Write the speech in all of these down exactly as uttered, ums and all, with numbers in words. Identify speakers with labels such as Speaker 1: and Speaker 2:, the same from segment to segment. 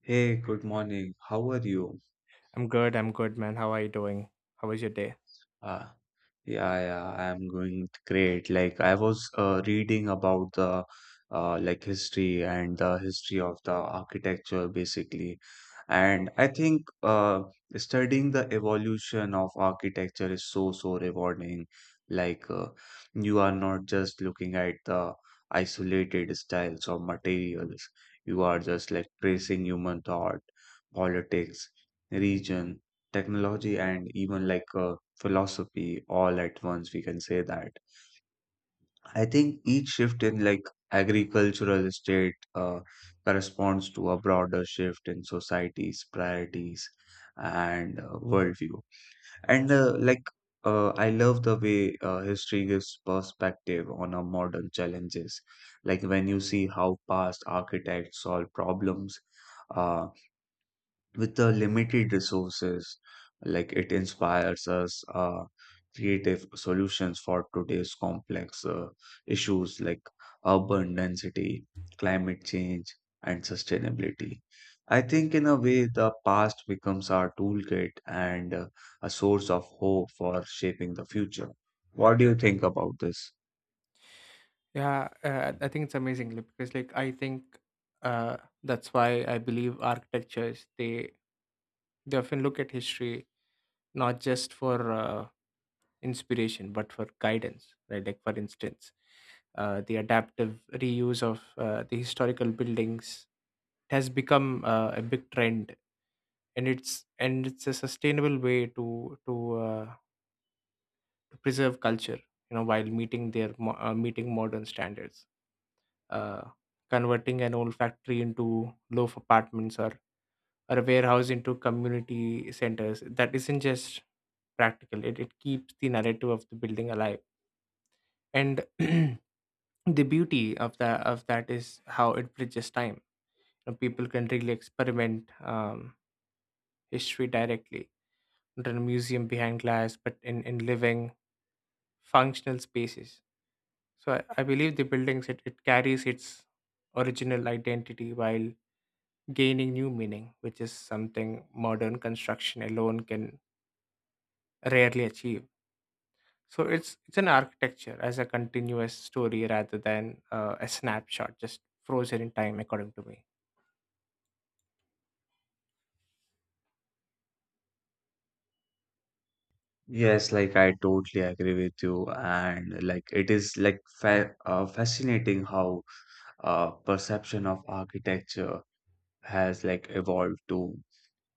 Speaker 1: Hey, good morning. How are you?
Speaker 2: I'm good. I'm good, man. How are you doing? How was your day?
Speaker 1: Uh, yeah, yeah, I'm going great. Like I was uh, reading about the uh, like history and the history of the architecture basically. And I think uh, studying the evolution of architecture is so, so rewarding. Like uh, you are not just looking at the isolated styles or materials. You are just like tracing human thought, politics, region, technology, and even like uh, philosophy all at once, we can say that I think each shift in like agricultural state uh, corresponds to a broader shift in society's priorities and uh, worldview and uh, like uh, I love the way uh, history gives perspective on our modern challenges, like when you see how past architects solve problems uh, with the limited resources. Like it inspires us uh, creative solutions for today's complex uh, issues like urban density, climate change, and sustainability. I think in a way the past becomes our toolkit and uh, a source of hope for shaping the future. What do you think about this?
Speaker 2: Yeah, uh, I think it's amazingly because, like, I think uh, that's why I believe architectures they they often look at history not just for uh, inspiration but for guidance, right? Like, for instance, uh, the adaptive reuse of uh, the historical buildings has become uh, a big trend, and it's and it's a sustainable way to to uh, to preserve culture, you know, while meeting their mo- uh, meeting modern standards uh, converting an old factory into loaf apartments or, or a warehouse into community centers that isn't just practical it, it keeps the narrative of the building alive and the beauty of that of that is how it bridges time. You know, people can really experiment um, history directly, not in a museum behind glass, but in, in living functional spaces. So I, I believe the buildings it, it carries its original identity while gaining new meaning, which is something modern construction alone can rarely achieve. So it's it's an architecture as a continuous story rather than uh, a snapshot just frozen in time, according to me.
Speaker 1: Yes, like I totally agree with you, and like it is like fa uh, fascinating how uh, perception of architecture has like evolved to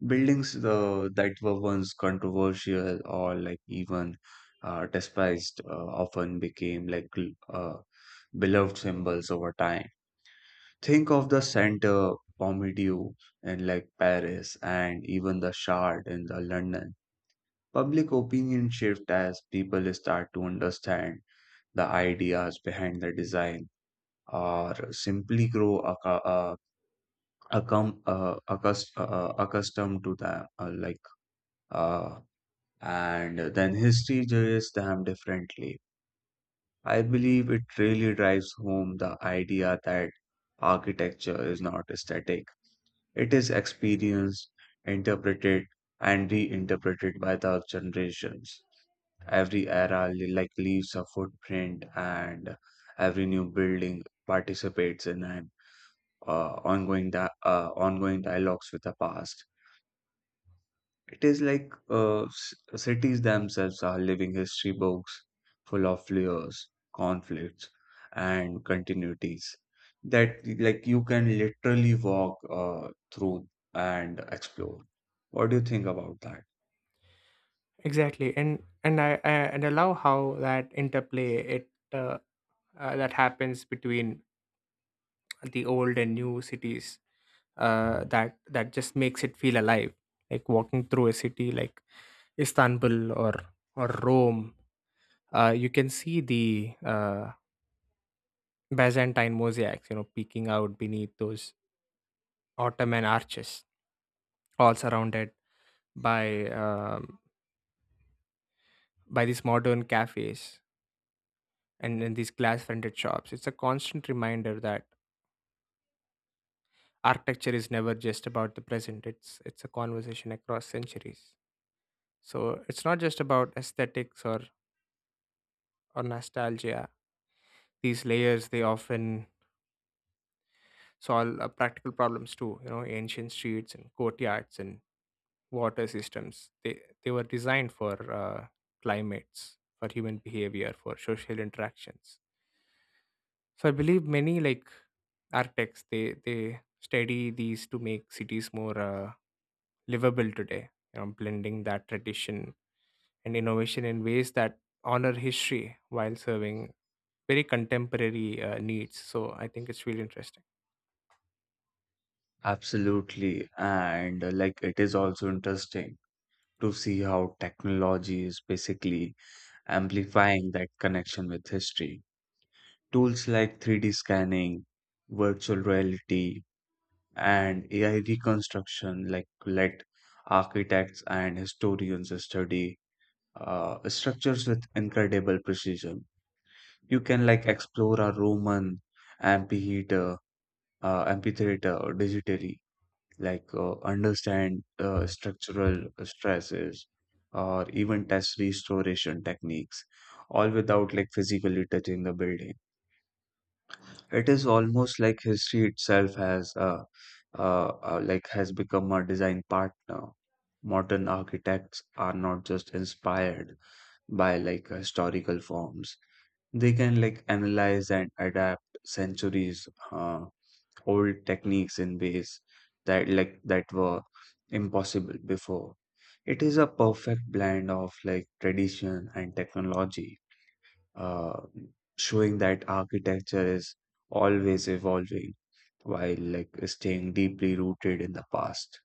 Speaker 1: buildings the, that were once controversial or like even uh, despised, uh, often became like l- uh, beloved symbols over time. Think of the center Pompidou in like Paris and even the Shard in the London. Public opinion shift as people start to understand the ideas behind the design or simply grow accu- uh, accum- uh, accus- uh, uh, accustomed to them, uh, like uh, and then history judges them differently. I believe it really drives home the idea that architecture is not static. It is experienced, interpreted, and reinterpreted by the generations. Every era li- like leaves a footprint, and every new building participates in an uh, ongoing di- uh, ongoing dialogues with the past. It is like uh, s- cities themselves are living history books full of layers, conflicts, and continuities that like you can literally walk uh, through and explore. What do you think about that?
Speaker 2: Exactly, and and I, I and I love how that interplay it uh, uh, that happens between the old and new cities uh, that that just makes it feel alive. Like walking through a city like Istanbul or or Rome, uh, you can see the uh, Byzantine mosaics, you know, peeking out beneath those Ottoman arches, all surrounded by um, by these modern cafes and, and these glass-fronted shops. It's a constant reminder that architecture is never just about the present. It's it's a conversation across centuries. So it's not just about aesthetics or or nostalgia. These layers they often solve uh, practical problems too. You know, ancient streets and courtyards and water systems. They they were designed for uh, climates, for human behavior, for social interactions. So I believe many like architects they they study these to make cities more uh, livable today. You know, blending that tradition and innovation in ways that honor history while serving very contemporary uh, needs. So I think it's really interesting.
Speaker 1: Absolutely. And uh, like it is also interesting to see how technology is basically amplifying that connection with history. Tools like three D scanning, virtual reality, and A I reconstruction like let architects and historians study uh, structures with incredible precision. You can like explore a Roman amphitheater, uh, amphitheater digitally, like uh, understand uh, structural stresses or even test restoration techniques, all without like physically touching the building. It is almost like history itself has uh, uh, uh, like has become a design partner. Modern architects are not just inspired by like historical forms. They can like analyze and adapt centuries uh, old techniques in ways that like that were impossible before. It is a perfect blend of like tradition and technology, uh, showing that architecture is always evolving while like staying deeply rooted in the past.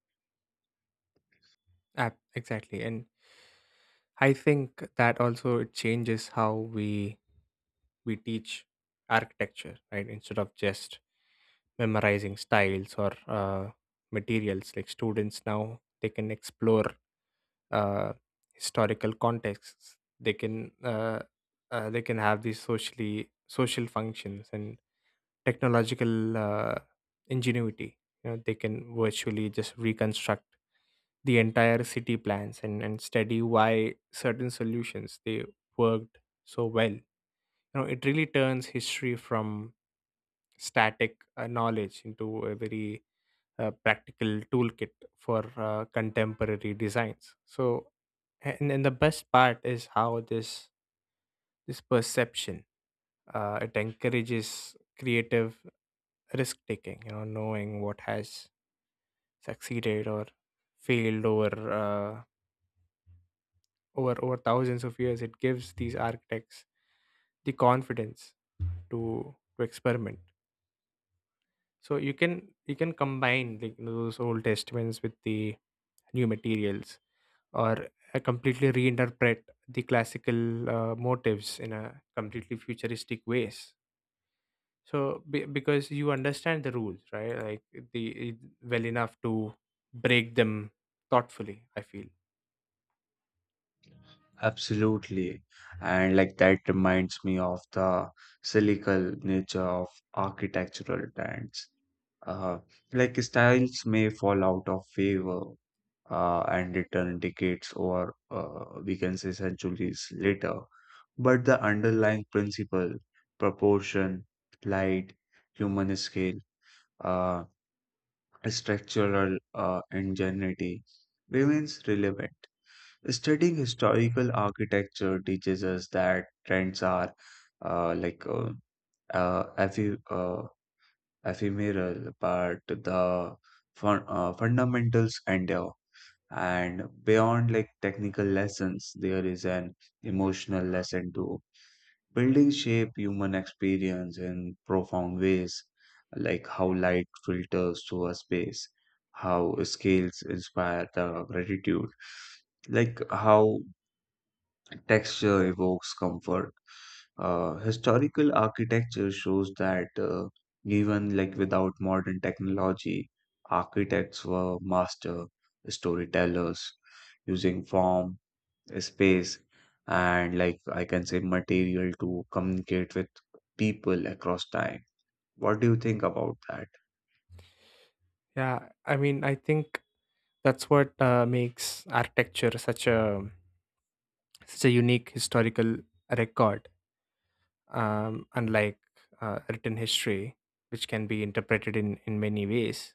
Speaker 2: Ah, exactly, and I think that also it changes how we we teach architecture, right? Instead of just memorizing styles or uh, materials, like students now they can explore uh, historical contexts. They can uh, uh, they can have these socially social functions and technological uh, ingenuity. You know, they can virtually just reconstruct the entire city plans, and, and study why certain solutions they worked so well. You know, it really turns history from static uh, knowledge into a very uh, practical toolkit for uh, contemporary designs. So and, and the best part is how this this perception uh, it encourages creative risk taking. You know, knowing what has succeeded or failed over uh, over over thousands of years, it gives these architects the confidence to to experiment. So you can you can combine like those Old Testaments with the new materials, or uh, completely reinterpret the classical uh, motives in a completely futuristic ways. So be, because you understand the rules, right? Like the well enough to break them thoughtfully, I feel.
Speaker 1: Absolutely. And like that reminds me of the cyclical nature of architectural trends. Uh, like styles may fall out of favor uh, and return decades or, uh, we can say, centuries later, but the underlying principle, proportion, light, human scale, uh, structural uh, ingenuity remains relevant. Studying historical architecture teaches us that trends are uh, like uh, uh, ephe- uh, ephemeral, but the fun- uh, fundamentals endure. And beyond like technical lessons, there is an emotional lesson too. Buildings shape human experience in profound ways, like how light filters through a space, how scales inspire the gratitude, like how texture evokes comfort. Uh, historical architecture shows that uh, even like without modern technology, architects were master storytellers using form, space, and like I can say material to communicate with people across time. What do you think about that?
Speaker 2: Yeah, I mean, I think that's what uh, makes architecture such a such a unique historical record. Um, unlike uh, written history, which can be interpreted in, in many ways.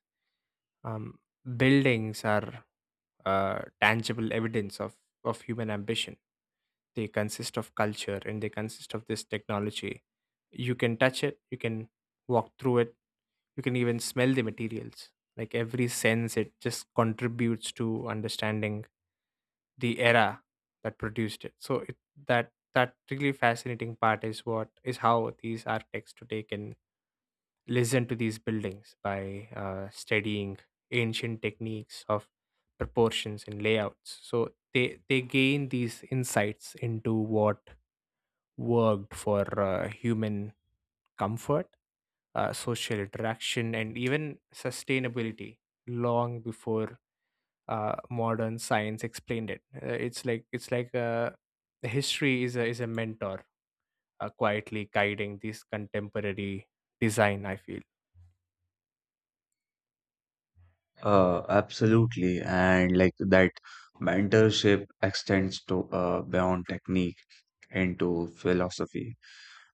Speaker 2: Um, Buildings are uh, tangible evidence of, of human ambition. They consist of culture and they consist of this technology. You can touch it, you can walk through it, you can even smell the materials. Like every sense, it just contributes to understanding the era that produced it. So it, that that really fascinating part is what is how these architects today can listen to these buildings by uh, studying ancient techniques of proportions and layouts. So they they gain these insights into what worked for uh, human comfort, uh, social interaction, and even sustainability long before uh, modern science explained it. Uh, it's like it's like uh, history is a, is a mentor, uh, quietly guiding this contemporary design, I feel.
Speaker 1: Uh, absolutely. And like that mentorship extends to, uh, beyond technique, into philosophy.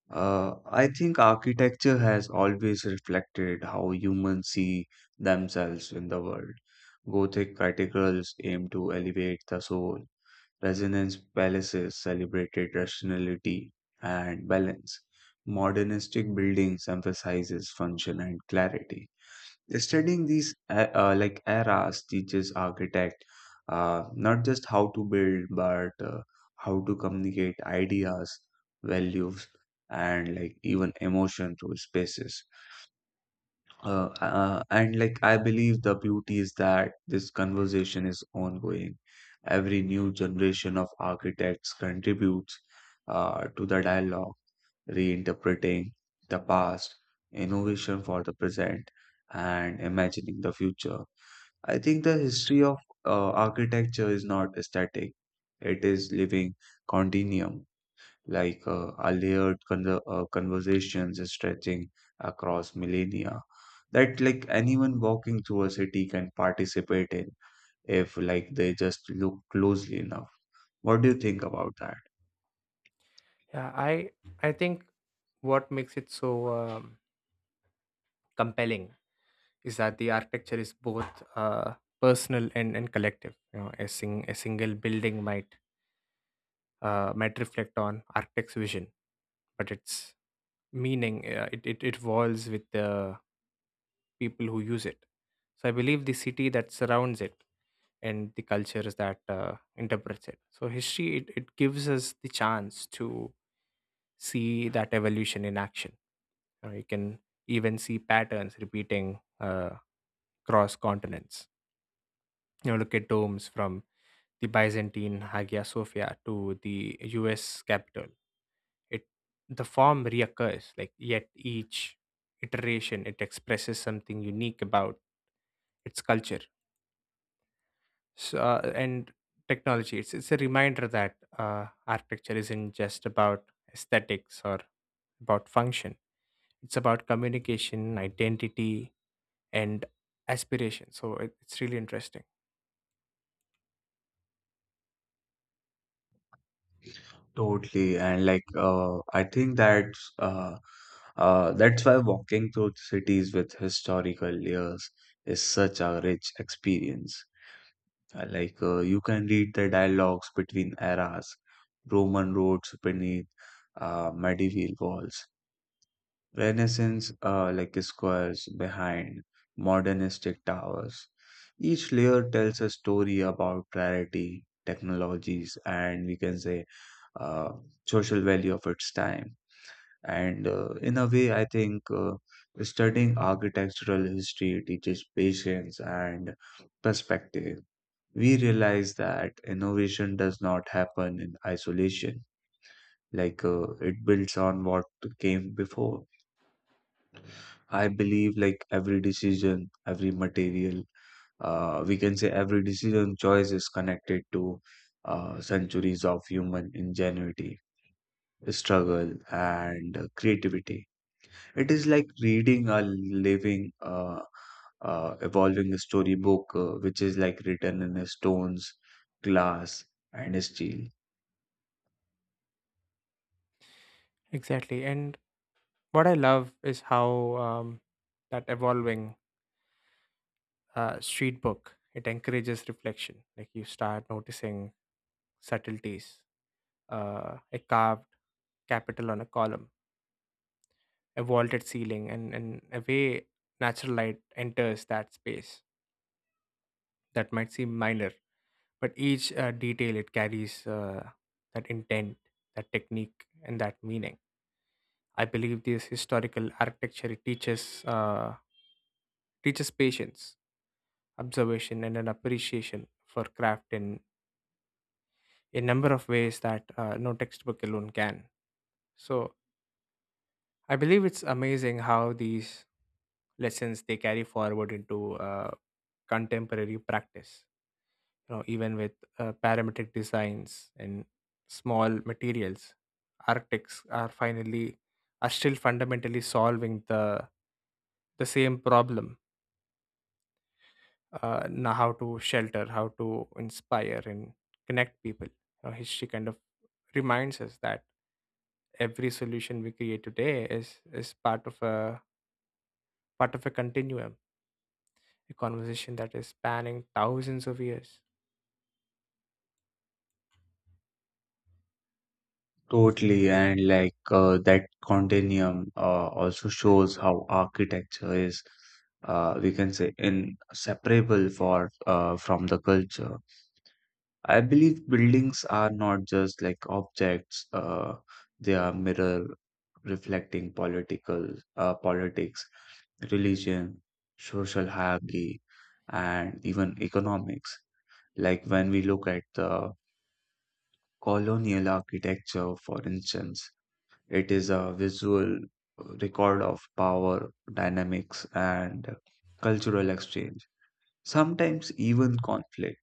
Speaker 1: Uh, I think architecture has always reflected how humans see themselves in the world. Gothic cathedrals aim to elevate the soul, Resonance palaces celebrated rationality and balance. Modernistic buildings emphasizes function and clarity. Studying these uh, uh, like eras teaches architect uh, not just how to build but uh, how to communicate ideas, values, and like even emotion through spaces. Uh, uh, and like I believe the beauty is that this conversation is ongoing. Every new generation of architects contributes uh, to the dialogue, reinterpreting the past, innovation for the present, and imagining the future. I think the history of uh, architecture is not static; it is living continuum, like uh, a layered con- uh, conversations stretching across millennia that like anyone walking through a city can participate in if like they just look closely enough. What do you think about that?
Speaker 2: Yeah, I I think what makes it so um, compelling is that the architecture is both uh, personal and, and collective. You know, a sing, a single building might uh, might reflect on architect's vision, but its meaning uh, it, it it evolves with the people who use it. So I believe the city that surrounds it and the cultures that uh, interprets it. So history it, it gives us the chance to see that evolution in action. You know, you can even see patterns repeating uh, across continents. You know, look at domes from the Byzantine Hagia Sophia to the U S capital. It the form reoccurs, like yet each iteration it expresses something unique about its culture. So, uh, and technology, it's, it's a reminder that uh, architecture isn't just about aesthetics or about function, it's about communication, identity, and aspiration. So, it, it's really interesting.
Speaker 1: Totally, and like uh, I think that's uh, uh, that's why walking through cities with historical layers is such a rich experience. Uh, Like uh, you can read the dialogues between eras, Roman roads beneath uh, medieval walls, Renaissance uh, like squares behind modernistic towers. Each layer tells a story about priority, technologies, and, we can say, uh, social value of its time. And uh, in a way, I think uh, studying architectural history teaches patience and perspective. We realize that innovation does not happen in isolation, like uh, it builds on what came before. I believe like every decision every material uh, we can say every decision choice is connected to uh, centuries of human ingenuity, struggle, and uh, creativity. It is like reading a living, uh, uh, evolving storybook, uh, which is like written in stones, glass, and steel.
Speaker 2: Exactly. And what I love is how um, that evolving uh, street book it encourages reflection. Like you start noticing subtleties, uh, a carved capital on a column, a vaulted ceiling, and, and a way natural light enters that space that might seem minor, but each uh, detail it carries uh, that intent, that technique, and that meaning. I believe this historical architecture it teaches uh, teaches patience, observation, and an appreciation for craft in a number of ways that uh, no textbook alone can. So I believe it's amazing how these lessons they carry forward into uh, contemporary practice. You know, even with uh, parametric designs and small materials, architects are finally are still fundamentally solving the the same problem. Uh, now, how to shelter, how to inspire and connect people. You know, history kind of reminds us that every solution we create today is is part of a part of a continuum, a conversation that is spanning thousands of years.
Speaker 1: Totally, and like uh, that continuum uh, also shows how architecture is, uh, we can say, inseparable for uh, from the culture. I believe buildings are not just like objects; uh, they are mirror reflecting political uh, politics, religion, social hierarchy, and even economics. Like when we look at the colonial architecture, for instance, it is a visual record of power dynamics and cultural exchange, sometimes even conflict.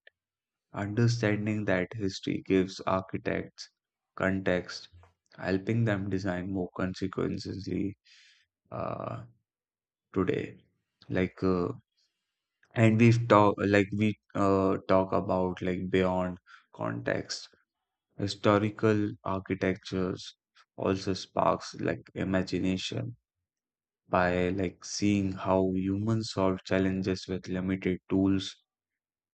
Speaker 1: Understanding that history gives architects context, helping them design more consequently uh, today. Like, uh, and we've talked, like, we uh, talk about like beyond context, historical architectures also sparks like imagination. By like seeing how humans solve challenges with limited tools,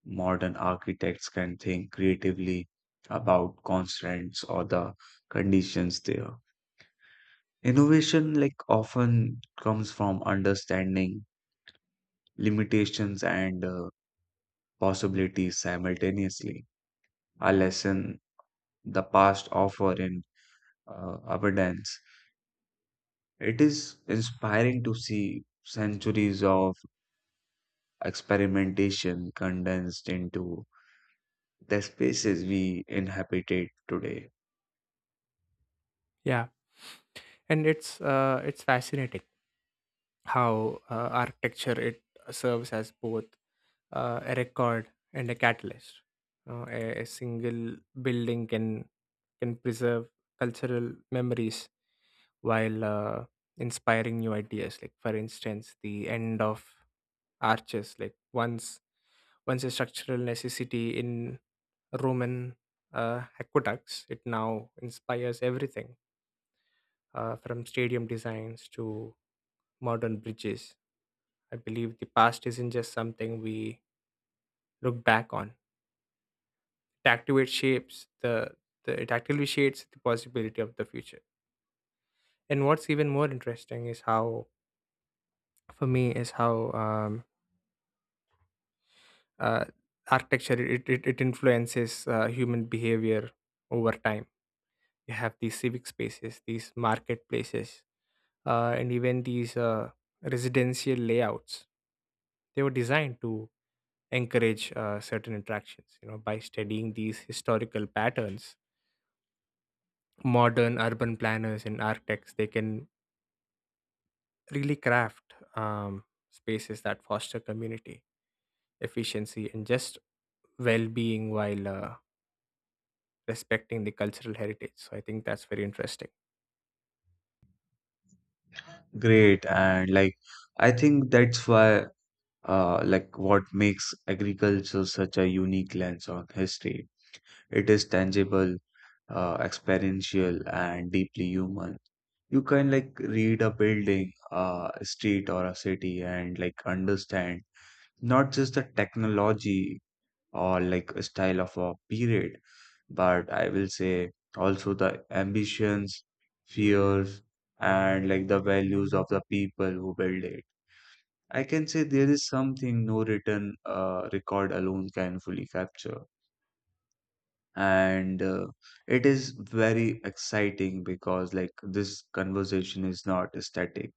Speaker 1: modern architects can think creatively about constraints or the conditions there. Innovation like often comes from understanding limitations and uh, possibilities simultaneously, a lesson the past offer in uh, abundance. It is inspiring to see centuries of experimentation condensed into the spaces we inhabited today.
Speaker 2: Yeah, and it's uh, it's fascinating how uh, architecture it serves as both uh, a record and a catalyst. Uh, a, a single building can can preserve cultural memories while uh, inspiring new ideas. Like for instance, the end of arches, like once once a structural necessity in Roman uh, aqueducts, it now inspires everything uh, from stadium designs to modern bridges. I believe the past isn't just something we look back on. It activates shapes the, the it actively shapes the possibility of the future. And what's even more interesting is how, for me, is how um, uh, architecture it, it, it influences uh, human behavior over time. You have these civic spaces, these marketplaces, uh, and even these uh, residential layouts. They were designed to encourage uh, certain interactions. You know, by studying these historical patterns, modern urban planners and architects they can really craft um, spaces that foster community, efficiency, and just well-being while uh, respecting the cultural heritage. So I think that's very interesting.
Speaker 1: Great, and like I think that's why uh like what makes agriculture such a unique lens on history. It is tangible, uh experiential, and deeply human. You can like read a building, uh, a street, or a city and like understand not just the technology or like a style of a period, but I will say also the ambitions, fears, and like the values of the people who build it. I can say there is something no written uh, record alone can fully capture. And uh, it is very exciting because like this conversation is not static.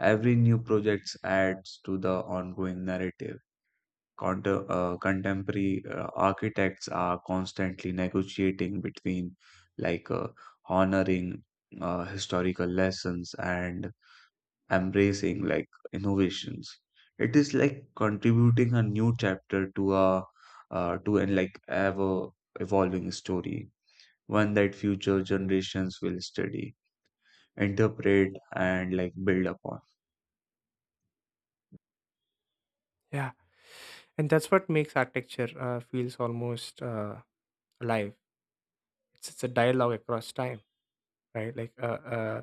Speaker 1: Every new project adds to the ongoing narrative. Contem- uh, contemporary uh, architects are constantly negotiating between like uh, honoring uh, historical lessons and embracing like innovations. It is like contributing a new chapter to a uh, to an like ever evolving story, one that future generations will study, interpret, and like build upon.
Speaker 2: Yeah, and that's what makes architecture uh, feels almost uh, alive. It's, it's a dialogue across time, right? Like uh, uh,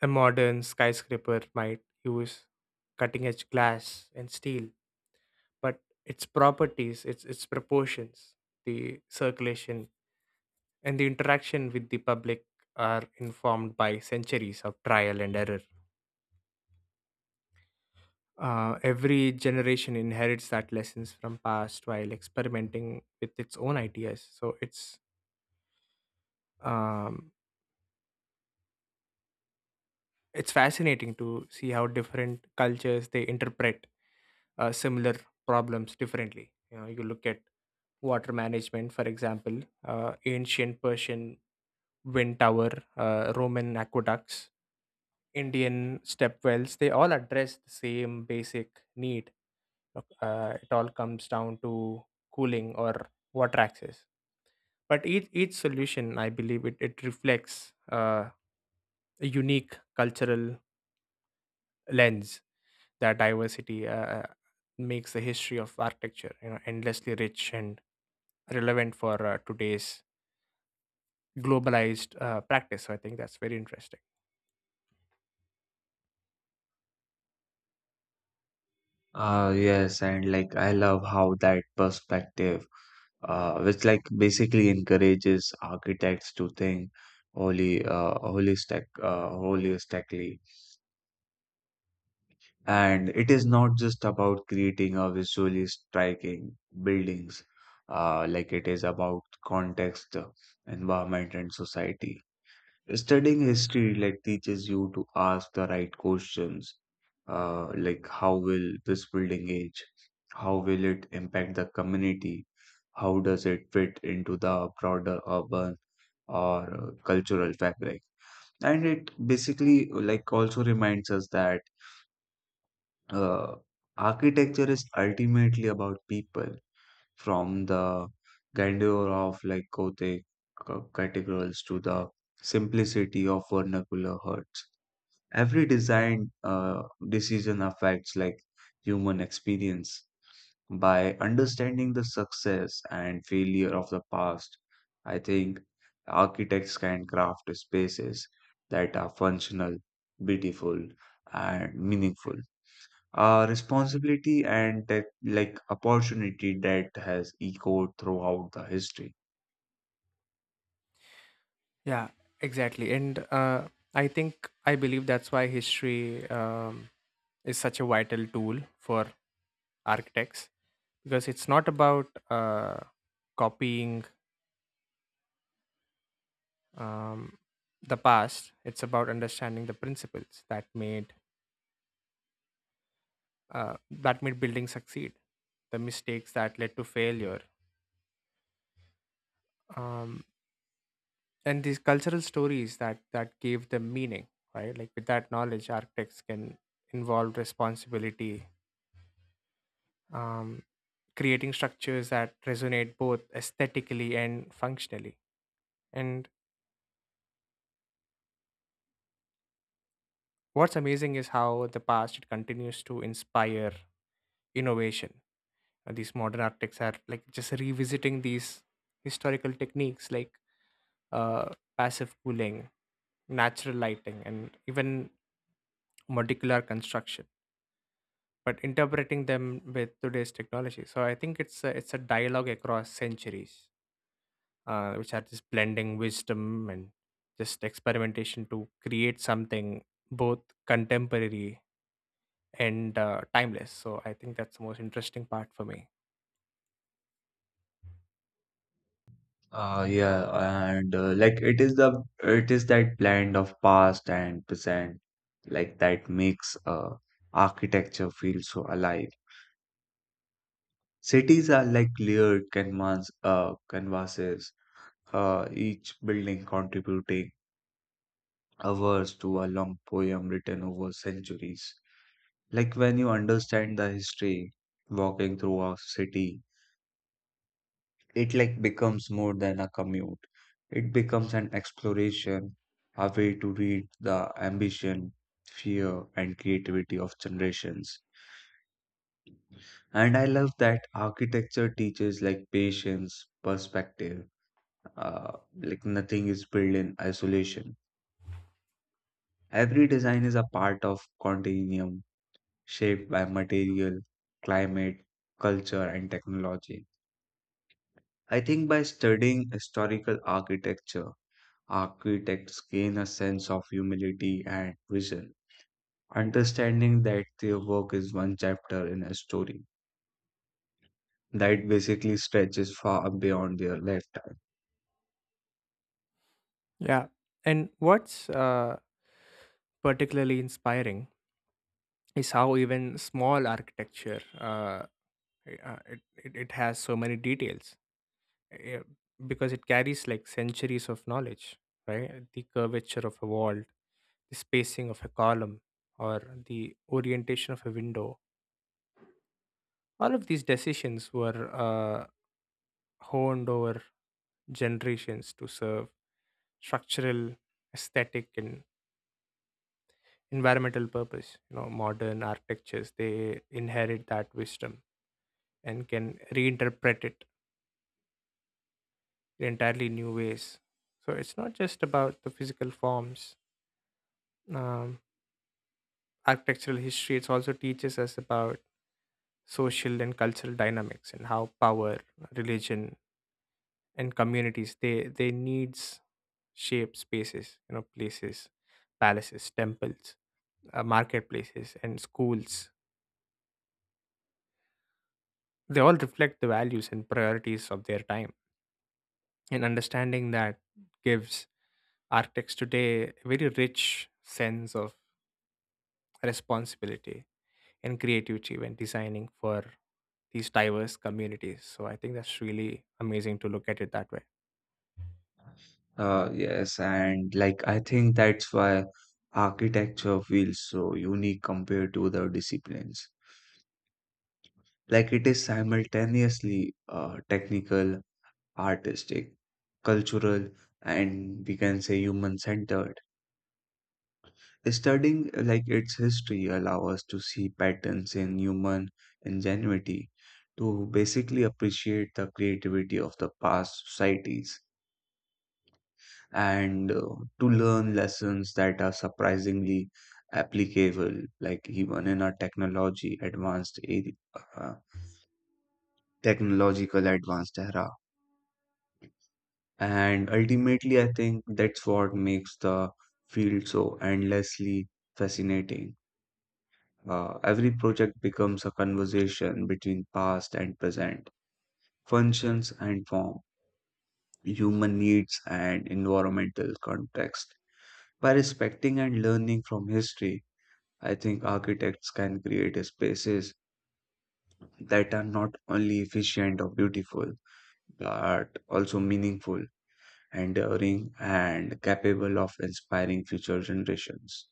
Speaker 2: a modern skyscraper might use cutting edge glass and steel, but its properties, its its proportions, the circulation, and the interaction with the public are informed by centuries of trial and error. Uh, every generation inherits that lessons from past while experimenting with its own ideas. So it's um, it's fascinating to see how different cultures they interpret uh, similar problems differently. You know, you look at water management, for example, uh, ancient Persian Wind Tower, uh, Roman aqueducts, Indian stepwells, they all address the same basic need. Uh, it all comes down to cooling or water access. But each, each solution, I believe, it, it reflects uh, a unique cultural lens. That diversity uh, uh, makes the history of architecture, you know, endlessly rich and relevant for uh, today's globalized uh, practice. So I think that's very interesting.
Speaker 1: Uh, yes, and like I love how that perspective, uh, which like basically encourages architects to think holy, uh, holistic, uh, holistically. And it is not just about creating a visually striking buildings, uh, like it is about context, environment, and society. Studying history like teaches you to ask the right questions, uh, like how will this building age? How will it impact the community? How does it fit into the broader urban or uh, cultural fabric? And it basically like also reminds us that uh, architecture is ultimately about people, from the grandeur of like Gothic uh, cathedrals to the simplicity of vernacular huts. Every design uh, decision affects like human experience. By understanding the success and failure of the past, I think architects can craft spaces that are functional, beautiful, and meaningful. A responsibility and tech, like opportunity, that has echoed throughout the history.
Speaker 2: Yeah, exactly. And uh, I think I believe that's why history um, is such a vital tool for architects, because it's not about uh, copying um, the past; it's about understanding the principles that made uh, that made building succeed, the mistakes that led to failure, um, and these cultural stories that that gave them meaning, right? Like with that knowledge, architects can involve responsibility, um, creating structures that resonate both aesthetically and functionally. And what's amazing is how the past it continues to inspire innovation. Uh, these modern architects are like just revisiting these historical techniques, like uh, passive cooling, natural lighting, and even modular construction, but interpreting them with today's technology. So I think it's a, it's a dialogue across centuries, uh, which are just blending wisdom and just experimentation to create something both contemporary and uh, timeless. So I think that's the most interesting part for me.
Speaker 1: Uh, yeah, and uh, like it is the it is that blend of past and present, like that makes uh architecture feel so alive. Cities are like layered canvas, uh, canvases, uh, each building contributing a verse to a long poem written over centuries. Like when you understand the history, walking through a city, it like becomes more than a commute. It becomes an exploration, a way to read the ambition, fear, and creativity of generations. And I love that architecture teaches like patience, perspective, uh, like nothing is built in isolation. Every design is a part of continuum shaped by material, climate, culture, and technology. I think by studying historical architecture, architects gain a sense of humility and vision, understanding that their work is one chapter in a story that basically stretches far beyond their lifetime.
Speaker 2: Yeah, and what's uh, particularly inspiring is how even small architecture uh, it, uh, it, it it has so many details, eh, because it carries like centuries of knowledge, right? The curvature of a wall, the spacing of a column, or the orientation of a window. All of these decisions were uh, honed over generations to serve structural, aesthetic, and environmental purpose. You know, modern architectures they inherit that wisdom and can reinterpret it in entirely new ways. So it's not just about the physical forms. Um, Architectural history it also teaches us about social and cultural dynamics and how power, religion, and communities they they needs shape spaces. You know, places, palaces, temples, uh, marketplaces, and schools, they all reflect the values and priorities of their time, and understanding that gives architects today a very rich sense of responsibility and creativity when designing for these diverse communities. So I think that's really amazing to look at it that way.
Speaker 1: Uh, yes, and like I think that's why architecture feels so unique compared to other disciplines. Like it is simultaneously uh, technical, artistic, cultural, and, we can say, human centered Studying uh, like its history allow us to see patterns in human ingenuity, to basically appreciate the creativity of the past societies, and uh, to learn lessons that are surprisingly applicable, like even in our technology advanced area, uh, technological advanced era. And ultimately, I think that's what makes the field so endlessly fascinating. Uh, every project becomes a conversation between past and present, functions and form, human needs and environmental context. By respecting and learning from history, I think architects can create spaces that are not only efficient or beautiful, but also meaningful, enduring, and capable of inspiring future generations.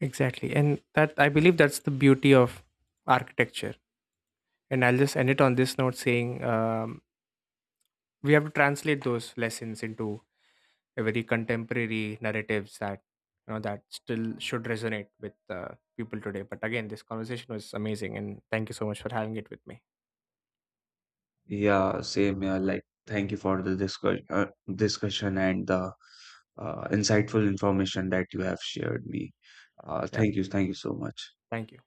Speaker 2: Exactly. And that I believe that's the beauty of architecture. And I'll just end it on this note saying, um, we have to translate those lessons into a very contemporary narratives that, you know, that still should resonate with uh, people today. But again, this conversation was amazing, and thank you so much for having it with me.
Speaker 1: Yeah, same here. Like, thank you for the discussion, uh, discussion and the uh, insightful information that you have shared me. Uh,
Speaker 2: Yeah,
Speaker 1: thank you, thank you so much.
Speaker 2: thank you.